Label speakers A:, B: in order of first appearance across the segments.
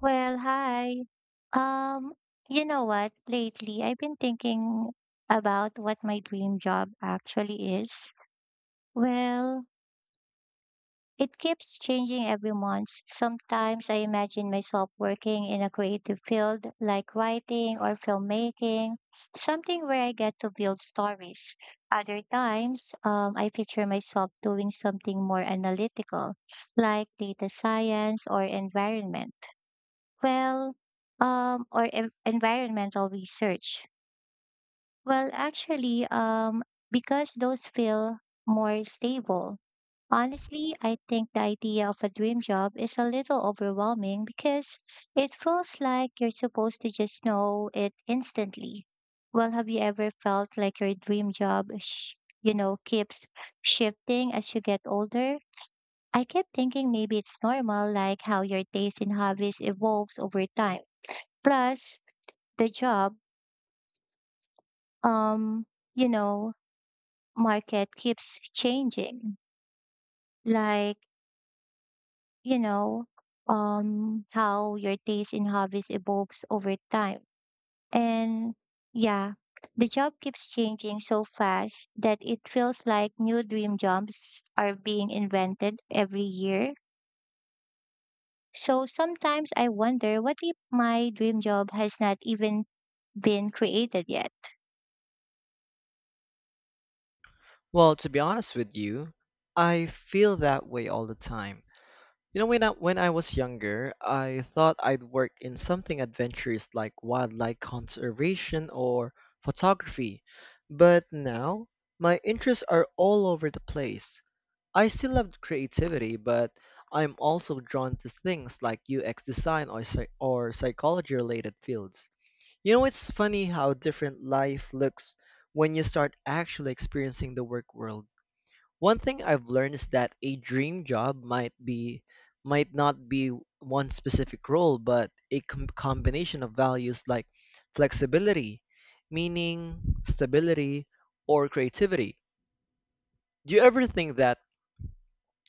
A: Well, hi. Um, you know what? Lately, I've been thinking about what my dream job actually is. Well, it keeps changing every month. Sometimes I imagine myself working in a creative field like writing or filmmaking, something where I get to build stories. Other times, I picture myself doing something more analytical, like data science or environment. Well, environmental research. Well, actually, um, because those feel more stable. Honestly, I think the idea of a dream job is a little overwhelming because it feels like you're supposed to just know it instantly. Well, have you ever felt like your dream job keeps shifting as you get older? I kept thinking maybe it's normal, like how your taste in hobbies evolves over time. Plus, the job um you know market keeps changing, like you know how your taste in hobbies evolves over time. And yeah, the job keeps changing so fast that it feels like new dream jobs are being invented every year, so sometimes I wonder, what if my dream job has not even been created yet?
B: Well, to be honest with you, I feel that way all the time. You know, when I was younger, I thought I'd work in something adventurous like wildlife conservation or photography. But now, my interests are all over the place. I still love creativity, but I'm also drawn to things like UX design or, psychology related fields. You know, it's funny how different life looks when you start actually experiencing the work world. One thing I've learned is that a dream job might be might not be one specific role, but a combination of values like flexibility, meaning, stability, or creativity. Do you ever think that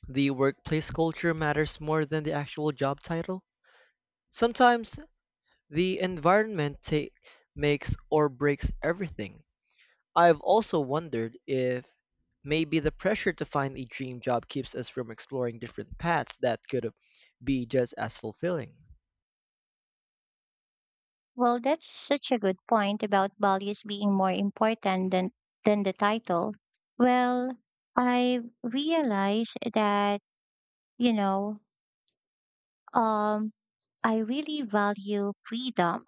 B: the workplace culture matters more than the actual job title? Sometimes the makes or breaks everything. I've also wondered if maybe the pressure to find a dream job keeps us from exploring different paths that could be just as fulfilling.
A: Well, that's such a good point about values being more important than the title. Well, I realized that, you know, um, I really value freedom.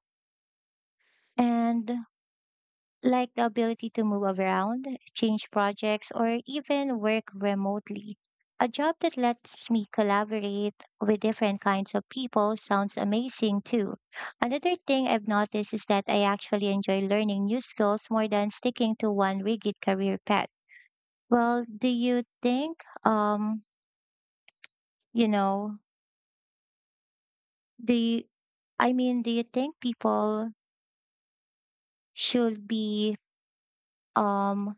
A: And like the ability to move around, change projects, or even work remotely. A job that lets me collaborate with different kinds of people sounds amazing too. Another thing I've noticed is that I actually enjoy learning new skills more than sticking to one rigid career path. Well, do you think, um, you know, do you, I mean, do you think people should be um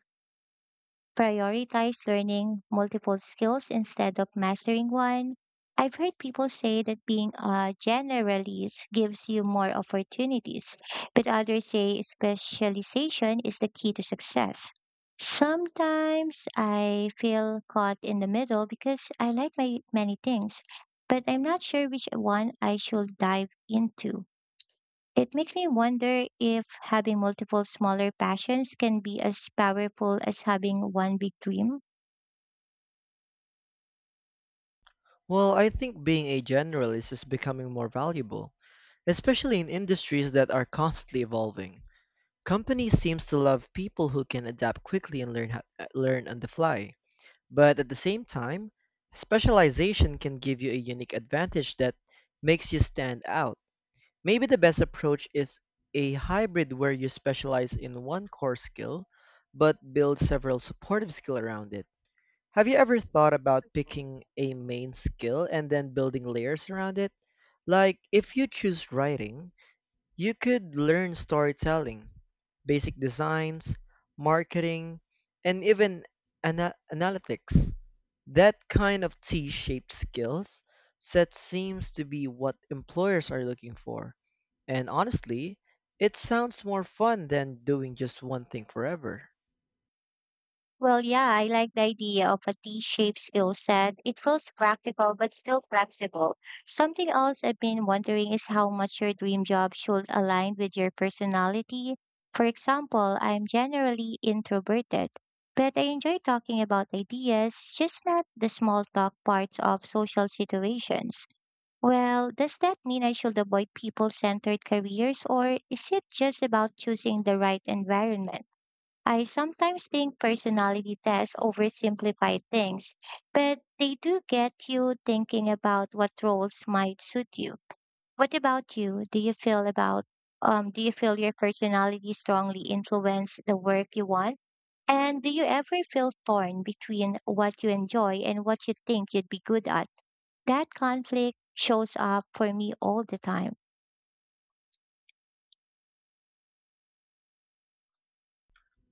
A: prioritize learning multiple skills instead of mastering one? I've heard people say that being a generalist gives you more opportunities, but others say specialization is the key to success. Sometimes I feel caught in the middle because I like my many things, but I'm not sure which one I should dive into. It makes me wonder if having multiple smaller passions can be as powerful as having one big dream.
B: Well, I think being a generalist is becoming more valuable, especially in industries that are constantly evolving. Companies seems to love people who can adapt quickly and learn on the fly. But at the same time, specialization can give you a unique advantage that makes you stand out. Maybe the best approach is a hybrid where you specialize in one core skill, but build several supportive skill around it. Have you ever thought about picking a main skill and then building layers around it? Like, if you choose writing, you could learn storytelling, basic designs, marketing, and even analytics. That kind of T-shaped skills set seems to be what employers are looking for. And honestly, it sounds more fun than doing just one thing forever.
A: Well, yeah, I like the idea of a T shaped skill set. It feels practical but still flexible. Something else I've been wondering is how much your dream job should align with your personality. For example, I'm generally introverted, but I enjoy talking about ideas, just not the small talk parts of social situations. Well, does that mean I should avoid people centered careers, or is it just about choosing the right environment? I sometimes think personality tests oversimplify things, but they do get you thinking about what roles might suit you. What about you? Do you feel your personality strongly influence the work you want? And do you ever feel torn between what you enjoy and what you think you'd be good at? That conflict shows up for me all the time.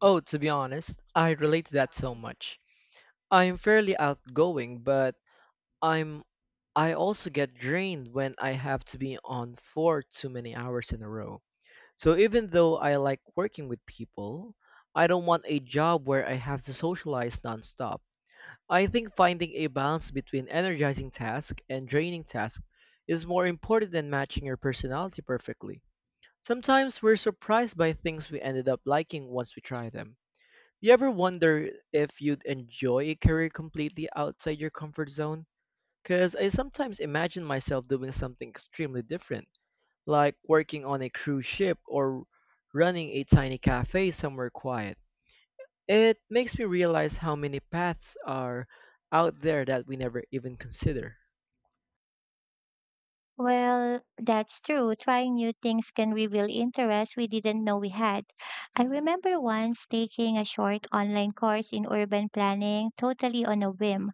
B: Oh, to be honest, I relate to that so much. I am fairly outgoing, but I'm I also get drained when I have to be on for too many hours in a row. So even though I like working with people, I don't want a job where I have to socialize nonstop. I think finding a balance between energizing tasks and draining tasks is more important than matching your personality perfectly. Sometimes we're surprised by things we ended up liking once we try them. You ever wonder if you'd enjoy a career completely outside your comfort zone? Because I sometimes imagine myself doing something extremely different, like working on a cruise ship or running a tiny cafe somewhere quiet. It makes me realize how many paths are out there that we never even consider.
A: Well, that's true. Trying new things can reveal interests we didn't know we had. I remember once taking a short online course in urban planning totally on a whim,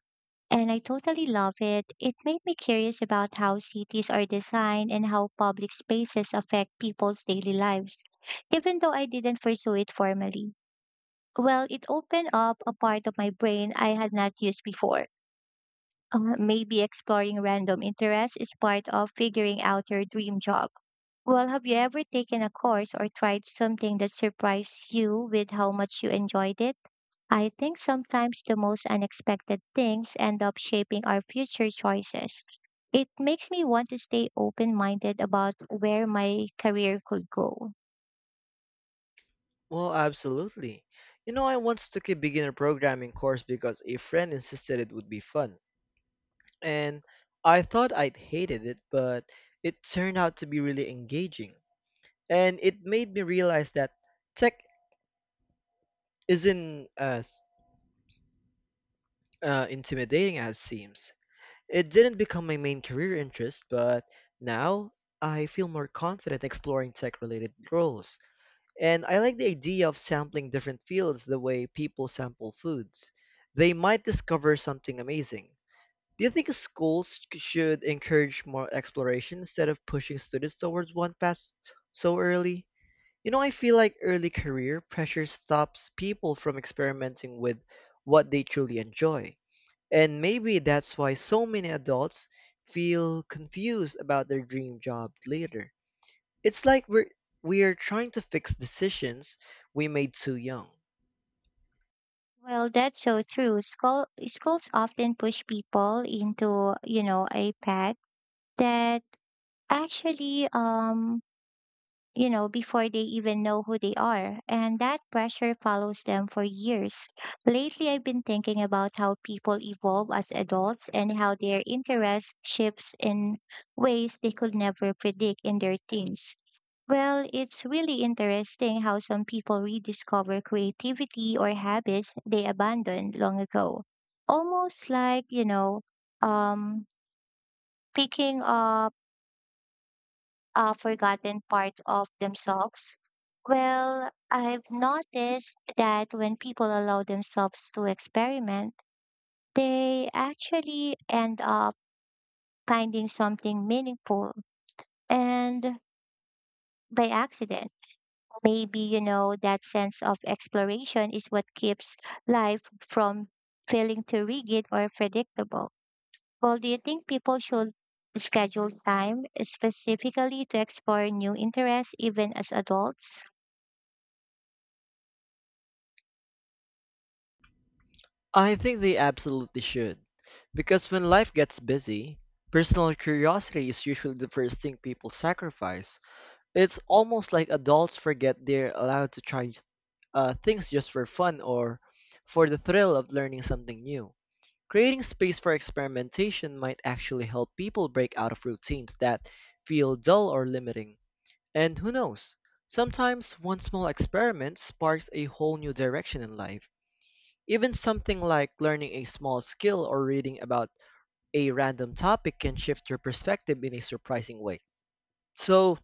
A: and I totally love it. It made me curious about how cities are designed and how public spaces affect people's daily lives, even though I didn't pursue it formally. Well, it opened up a part of my brain I had not used before. Maybe exploring random interests is part of figuring out your dream job. Well, have you ever taken a course or tried something that surprised you with how much you enjoyed it? I think sometimes the most unexpected things end up shaping our future choices. It makes me want to stay open minded about where my career could go.
B: Well, absolutely. You know, I once took a beginner programming course because a friend insisted it would be fun, and I thought I'd hated it, but it turned out to be really engaging. And it made me realize that tech isn't as intimidating as it seems. It didn't become my main career interest, but now I feel more confident exploring tech related roles. And I like the idea of sampling different fields the way people sample foods. They might discover something amazing. Do you think schools should encourage more exploration instead of pushing students towards one path so early? You know, I feel like early career pressure stops people from experimenting with what they truly enjoy. And maybe that's why so many adults feel confused about their dream job later. It's like we are trying to fix decisions we made too young.
A: Well, that's so true. Schools often push people into, you know, a path that actually, you know, before they even know who they are. And that pressure follows them for years. Lately, I've been thinking about how people evolve as adults and how their interest shifts in ways they could never predict in their teens. Well, it's really interesting how some people rediscover creativity or habits they abandoned long ago. Almost like, um, picking up a forgotten part of themselves? Well, I've noticed that when people allow themselves to experiment, they actually end up finding something meaningful and by accident. Maybe, you know, that sense of exploration is what keeps life from feeling too rigid or predictable. Well, do you think people should schedule time specifically to explore new interests even as adults?
B: I think they absolutely should, because when life gets busy, personal curiosity is usually the first thing people sacrifice. It's almost like adults forget they're allowed to try things just for fun or for the thrill of learning something new. Creating space for experimentation might actually help people break out of routines that feel dull or limiting. And who knows? Sometimes one small experiment sparks a whole new direction in life. Even something like learning a small skill or reading about a random topic can shift your perspective in a surprising way. So,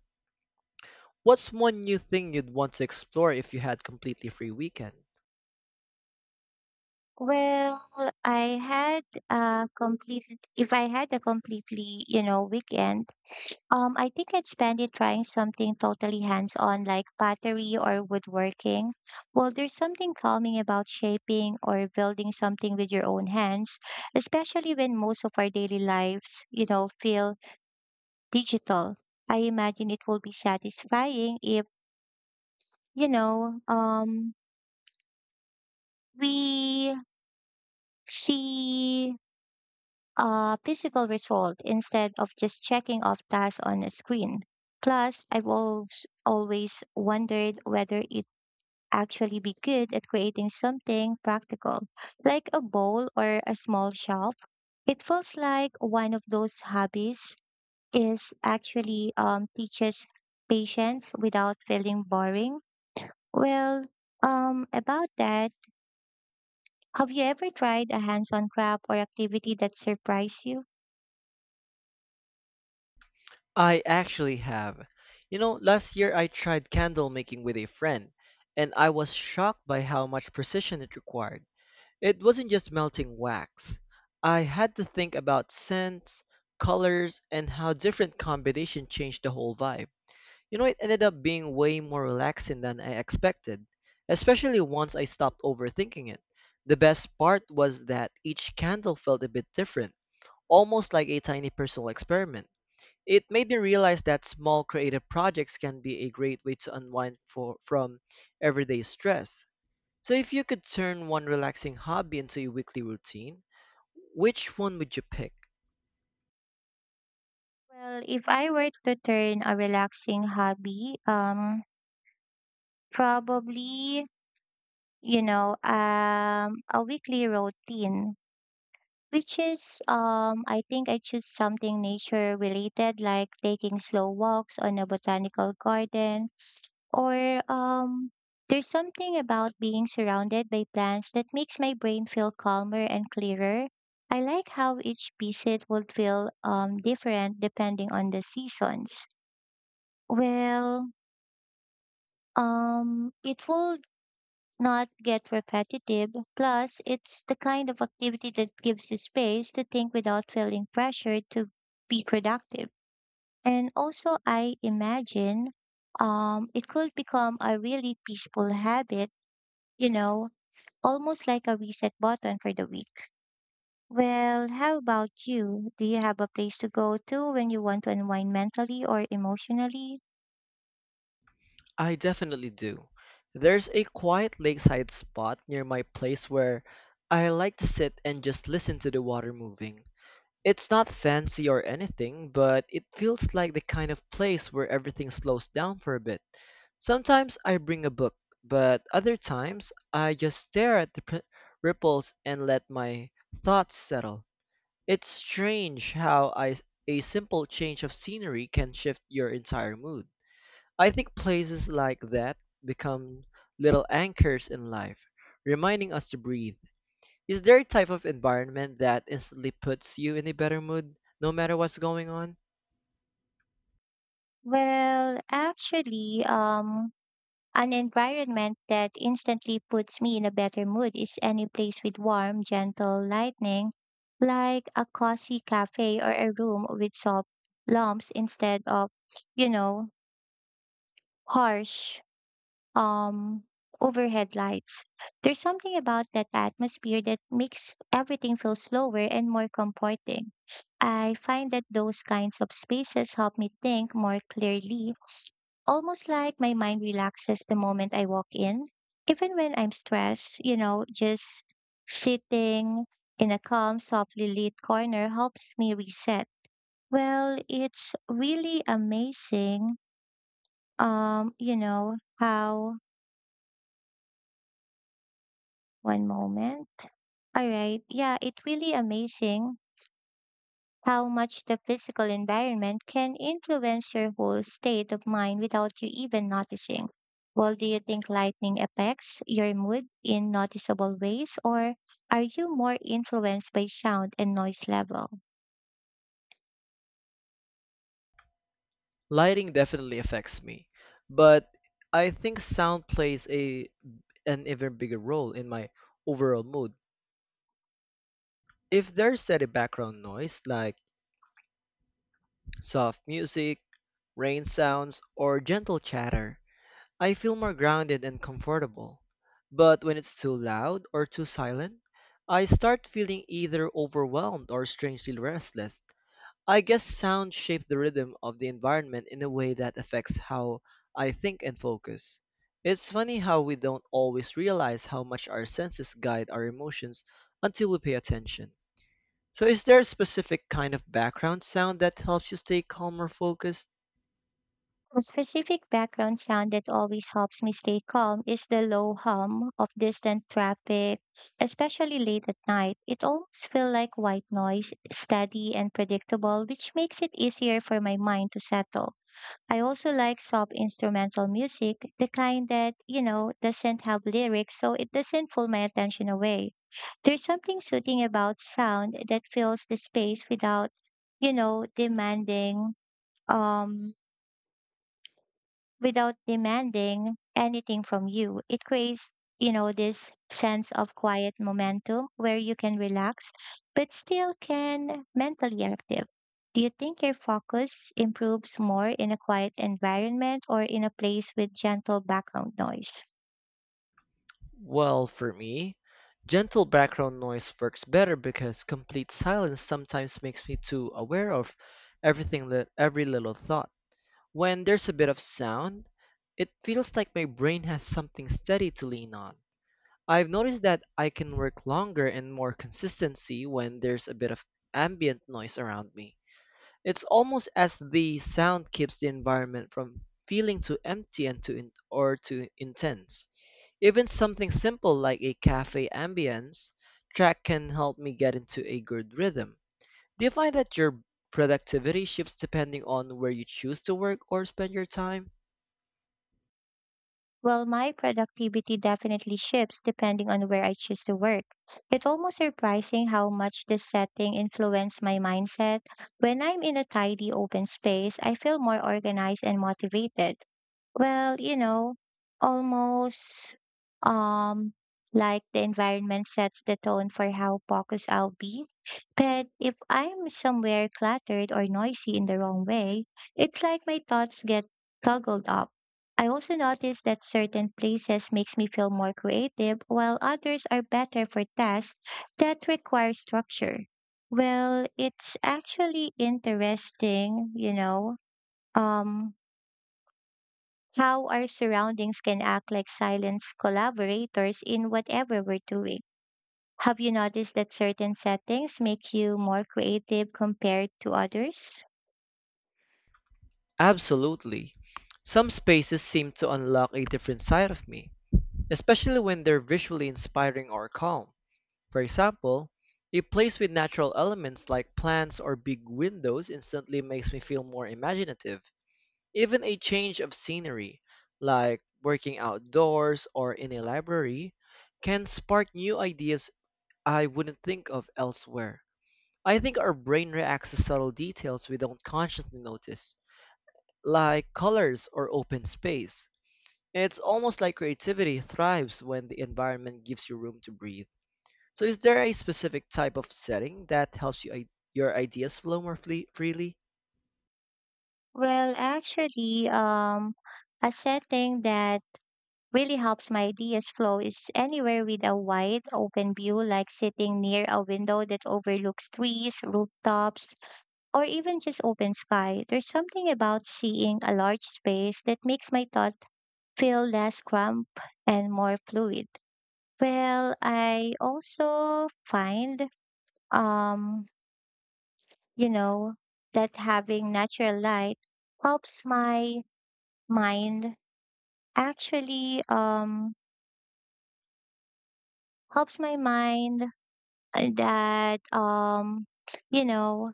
B: what's one new thing you'd want to explore if you had completely free weekend?
A: Well, I had a complete, if I had a completely, you know, weekend, I think I'd spend it trying something totally hands-on like pottery or woodworking. Well, there's something calming about shaping or building something with your own hands, especially when most of our daily lives, you know, feel digital. I imagine it will be satisfying if, you know, um, we see a physical result instead of just checking off tasks on a screen. Plus, I've always wondered whether it actually be good at creating something practical, like a bowl or a small shelf. It feels like one of those hobbies is actually teaches patience without feeling boring. Well, about that, have you ever tried a hands-on craft or activity that surprised you?
B: I actually have. You know, last year I tried candle making with a friend, and I was shocked by how much precision it required. It wasn't just melting wax. I had to think about scents, colors, and how different combination changed the whole vibe. You know, it ended up being way more relaxing than I expected, especially once I stopped overthinking it. The best part was that each candle felt a bit different, almost like a tiny personal experiment. It made me realize that small creative projects can be a great way to from everyday stress. So, if you could turn one relaxing hobby into a weekly routine, which one would you pick?
A: Well, if I were to turn a relaxing hobby, probably, a weekly routine. Which is, I think I choose something nature related like taking slow walks on a botanical garden or, there's something about being surrounded by plants that makes my brain feel calmer and clearer. I like how each visit would feel different depending on the seasons. Well, it will not get repetitive. Plus, it's the kind of activity that gives you space to think without feeling pressured to be productive. And also, I imagine it could become a really peaceful habit, you know, almost like a reset button for the week. Well, how about you? Do you have a place to go to when you want to unwind mentally or emotionally?
B: I definitely do. There's a quiet lakeside spot near my place where I like to sit and just listen to the water moving. It's not fancy or anything, but it feels like the kind of place where everything slows down for a bit. Sometimes I bring a book, but other times I just stare at the ripples and let my thoughts settle. It's strange how a simple change of scenery can shift your entire mood. I think places like that become little anchors in life, reminding us to breathe. Is there a type of environment that instantly puts you in a better mood no matter what's going on?
A: Well, actually, um, An environment that instantly puts me in a better mood is any place with warm, gentle lighting, like a cozy cafe or a room with soft lamps instead of, you know, harsh um overhead lights. There's something about that atmosphere that makes everything feel slower and more comforting. I find that those kinds of spaces help me think more clearly, almost like my mind relaxes the moment I walk in. Even when I'm stressed, you know, just sitting in a calm, softly lit corner helps me reset. Well, it's really amazing, you know, how one moment. All right. Yeah, it's really amazing how much the physical environment can influence your whole state of mind without you even noticing. Well, do you think lightning affects your mood in noticeable ways, or are you more influenced by sound and noise level?
B: Lighting definitely affects me, but I think sound plays a an even bigger role in my overall mood. If there's steady background noise like soft music, rain sounds, or gentle chatter, I feel more grounded and comfortable. But when it's too loud or too silent, I start feeling either overwhelmed or strangely restless. I guess sound shapes the rhythm of the environment in a way that affects how I think and focus. It's funny how we don't always realize how much our senses guide our emotions until we pay attention. So, is there a specific kind of background sound that helps you stay calm or focused?
A: A specific background sound that always helps me stay calm is the low hum of distant traffic, especially late at night. It almost feels like white noise, steady and predictable, which makes it easier for my mind to settle. I also like soft instrumental music, the kind that, you know, doesn't have lyrics, so it doesn't pull my attention away. There's something soothing about sound that fills the space without, you know, demanding um without demanding anything from you. It creates, you know, this sense of quiet momentum where you can relax but still can mentally active. Do you think your focus improves more in a quiet environment or in a place with gentle background noise?
B: Well, for me, gentle background noise works better because complete silence sometimes makes me too aware of every little thought. When there's a bit of sound, it feels like my brain has something steady to lean on. I've noticed that I can work longer and more consistency when there's a bit of ambient noise around me. It's almost as the sound keeps the environment from feeling too empty and too in- or too intense. Even something simple like a cafe ambience track can help me get into a good rhythm. Do you find that your productivity shifts depending on where you choose to work or spend your time?
A: Well, my productivity definitely shifts depending on where I choose to work. It's almost surprising how much this setting influenced my mindset. When I'm in a tidy open space, I feel more organized and motivated. Well, you know, almost um like the environment sets the tone for how focused I'll be. But if I'm somewhere cluttered or noisy in the wrong way, it's like my thoughts get toggled up. I also notice that certain places makes me feel more creative while others are better for tasks that require structure. Well, it's actually interesting, you know. Um how our surroundings can act like silent collaborators in whatever we're doing. Have you noticed that certain settings make you more creative compared to others?
B: Absolutely. Some spaces seem to unlock a different side of me, especially when they're visually inspiring or calm. For example, a place with natural elements like plants or big windows instantly makes me feel more imaginative. Even a change of scenery, like working outdoors or in a library, can spark new ideas I wouldn't think of elsewhere. I think our brain reacts to subtle details we don't consciously notice, like colors or open space. It's almost like creativity thrives when the environment gives you room to breathe. So, is there a specific type of setting that helps your ideas flow more freely?
A: Well, actually, um, a setting that really helps my ideas flow is anywhere with a wide open view, like sitting near a window that overlooks trees, rooftops, or even just open sky. There's something about seeing a large space that makes my thoughts feel less cramped and more fluid. Well, I also find, um, you know, that having natural light helps my mind actually, um, helps my mind uh, that, um, you know,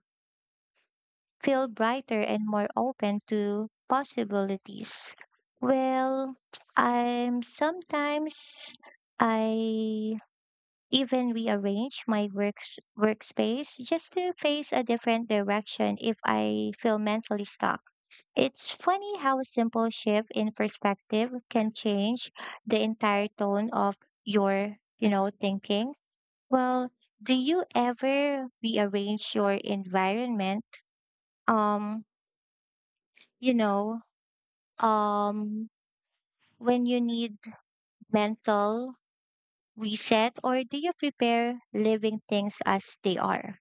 A: feel brighter and more open to possibilities. Well, I'm sometimes I even rearrange my workspace just to face a different direction if I feel mentally stuck. It's funny how a simple shift in perspective can change the entire tone of your thinking. Well, do you ever rearrange your environment? Um, you know, um, when you need mental reset, or do you prepare living things as they are?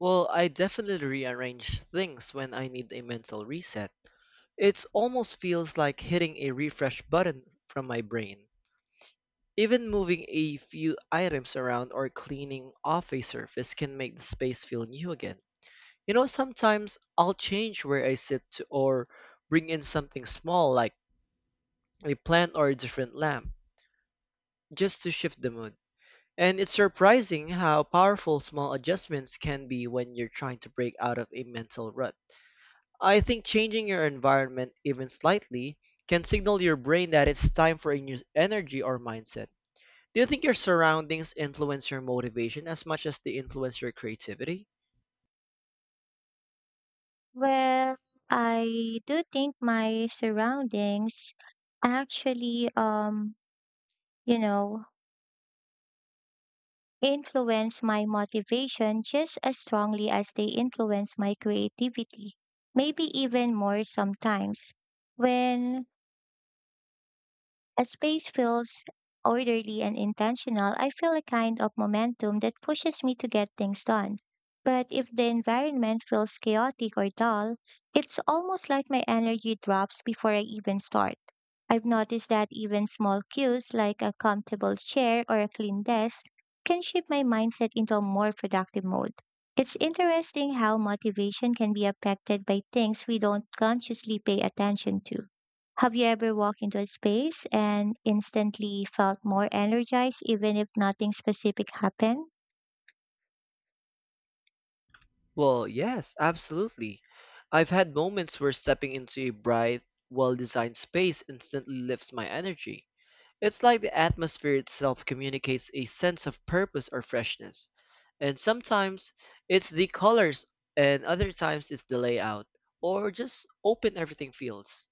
B: Well, I definitely rearrange things when I need a mental reset. It almost feels like hitting a refresh button from my brain. Even moving a few items around or cleaning off a surface can make the space feel new again. You know, sometimes I'll change where I sit to, or bring in something small like a plant or a different lamp just to shift the mood. And it's surprising how powerful small adjustments can be when you're trying to break out of a mental rut. I think changing your environment even slightly can signal your brain that it's time for a new energy or mindset. Do you think your surroundings influence your motivation as much as they influence your creativity?
A: Well, I do think my surroundings actually, you know, influence my motivation just as strongly as they influence my creativity, maybe even more sometimes. When As space feels orderly and intentional, I feel a kind of momentum that pushes me to get things done. But if the environment feels chaotic or dull, it's almost like my energy drops before I even start. I've noticed that even small cues like a comfortable chair or a clean desk can shift my mindset into a more productive mode. It's interesting how motivation can be affected by things we don't consciously pay attention to. Have you ever walked into a space and instantly felt more energized even if nothing specific happened?
B: Well, yes, absolutely. I've had moments where stepping into a bright, well designed space instantly lifts my energy. It's like the atmosphere itself communicates a sense of purpose or freshness. And sometimes it's the colors, and other times it's the layout, or just open everything feels.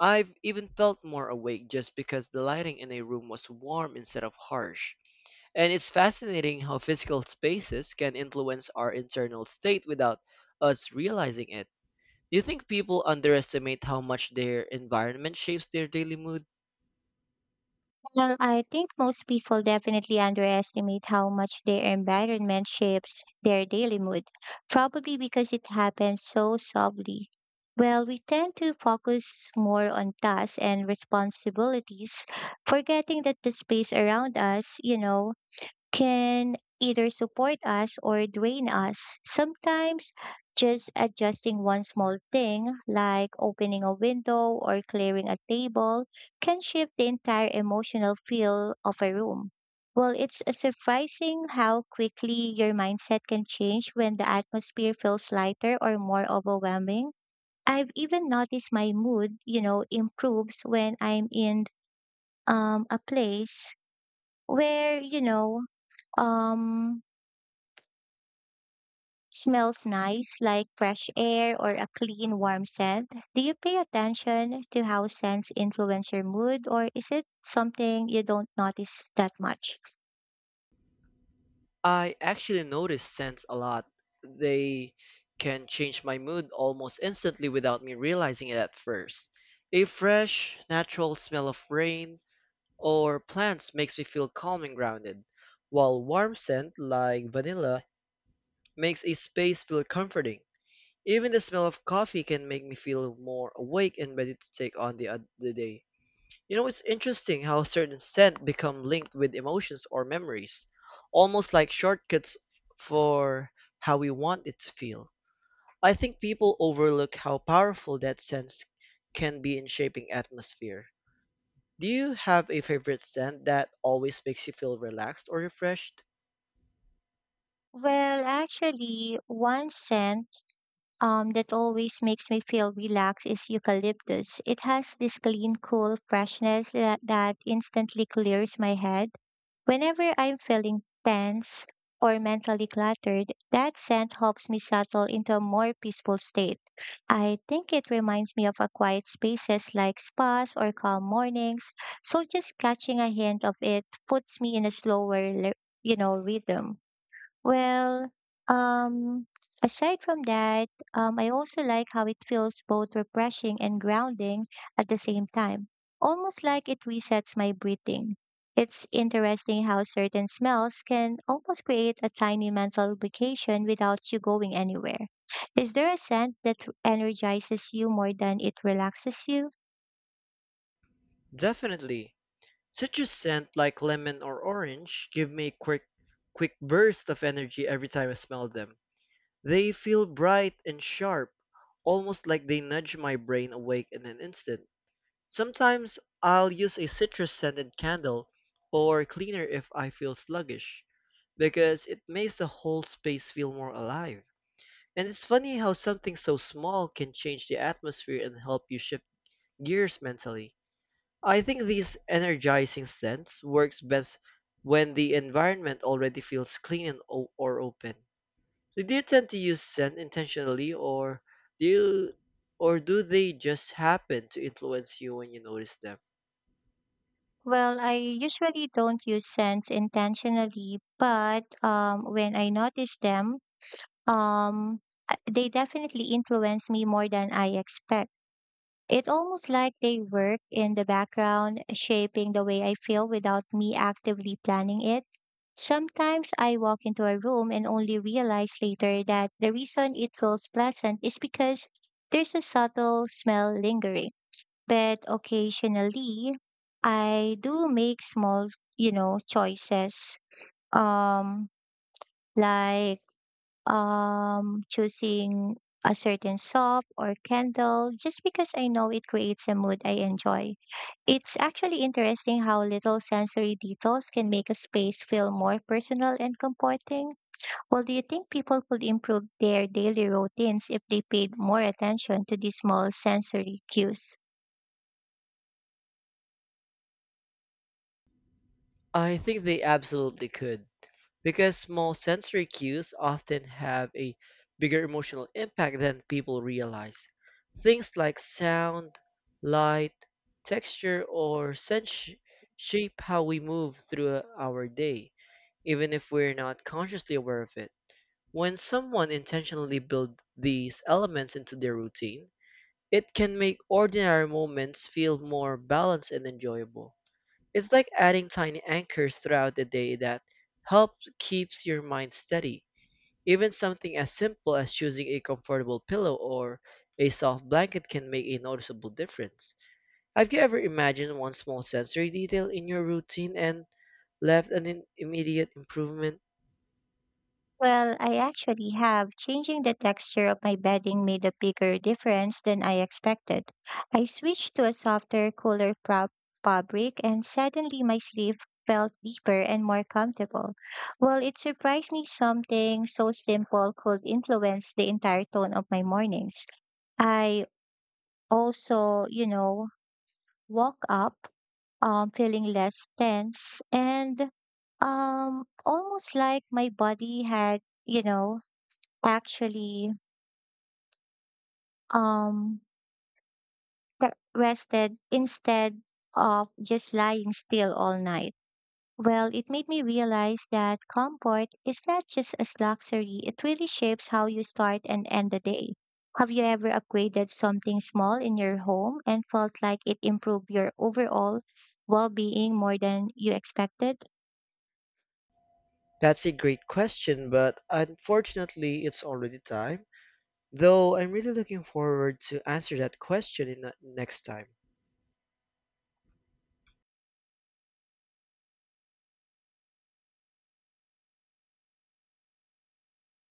B: I've even felt more awake just because the lighting in a room was warm instead of harsh. And it's fascinating how physical spaces can influence our internal state without us realizing it. Do you think people underestimate how much their environment shapes their daily mood?
A: Well, I think most people definitely underestimate how much their environment shapes their daily mood, probably because it happens so softly. Well, we tend to focus more on tasks and responsibilities, forgetting that the space around us, can either support us or drain us. Sometimes, just adjusting one small thing, like opening a window or clearing a table, can shift the entire emotional feel of a room. Well, it's surprising how quickly your mindset can change when the atmosphere feels lighter or more overwhelming. I've even noticed my mood improves when I'm in a place where, um, smells nice, like fresh air or a clean, warm scent. Do you pay attention to how scents influence your mood, or is it something you don't notice that much?
B: I actually notice scents a lot. They can change my mood almost instantly without me realizing it at first. A fresh, natural smell of rain or plants makes me feel calm and grounded, while warm scent like vanilla makes a space feel comforting. Even the smell of coffee can make me feel more awake and ready to take on the day. You know, it's interesting how certain scents become linked with emotions or memories, almost like shortcuts for how we want it to feel. I think people overlook how powerful that sense can be in shaping atmosphere. Do you have a favorite scent that always makes you feel relaxed or refreshed?
A: Well, actually, one scent that always makes me feel relaxed is eucalyptus. It has this clean, cool freshness that instantly clears my head. Whenever I'm feeling tense or mentally cluttered, that scent helps me settle into a more peaceful state. I think it reminds me of a quiet spaces like spas or calm mornings, so just catching a hint of it puts me in a slower, rhythm. Well, um, Aside from that, I also like how it feels both refreshing and grounding at the same time, almost like it resets my breathing. It's interesting how certain smells can almost create a tiny mental vacation without you going anywhere. Is there a scent that energizes you more than it relaxes you?
B: Definitely. Citrus scent like lemon or orange give me a quick burst of energy every time I smell them. They feel bright and sharp, almost like they nudge my brain awake in an instant. Sometimes I'll use a citrus scented candle, or cleaner if I feel sluggish, because it makes the whole space feel more alive. And it's funny how something so small can change the atmosphere and help you shift gears mentally. I think these energizing scents works best when the environment already feels clean and or open. So do you tend to use scent intentionally do you or do they just happen to influence you when you notice them?
A: Well, I usually don't use scents intentionally, but when I notice them, um they definitely influence me more than I expect. It's almost like they work in the background, shaping the way I feel without me actively planning it. Sometimes I walk into a room and only realize later that the reason it feels pleasant is because there's a subtle smell lingering. But occasionally I do make small choices, um like choosing a certain soap or candle just because I know it creates a mood I enjoy. It's actually interesting how little sensory details can make a space feel more personal and comforting. Well, do you think people could improve their daily routines if they paid more attention to these small sensory cues?
B: I think they absolutely could, because small sensory cues often have a bigger emotional impact than people realize. Things like sound, light, texture, or shape how we move through our day, even if we're not consciously aware of it. When someone intentionally builds these elements into their routine, it can make ordinary moments feel more balanced and enjoyable. It's like adding tiny anchors throughout the day that helps keeps your mind steady. Even something as simple as choosing a comfortable pillow or a soft blanket can make a noticeable difference. Have you ever imagined one small sensory detail in your routine and left an immediate improvement?
A: Well, I actually have. Changing the texture of my bedding made a bigger difference than I expected. I switched to a softer, cooler fabric, and suddenly my sleep felt deeper and more comfortable. Well, it surprised me something so simple could influence the entire tone of my mornings. I also woke up feeling less tense and almost like my body had you know actually um that rested instead of just lying still all night. Well, it made me realize that comfort is not just a luxury, it really shapes how you start and end the day. Have you ever upgraded something small in your home and felt like it improved your overall well being more than you expected?
B: That's a great question, but unfortunately, it's already time. Though I'm really looking forward to answer that question in the next time.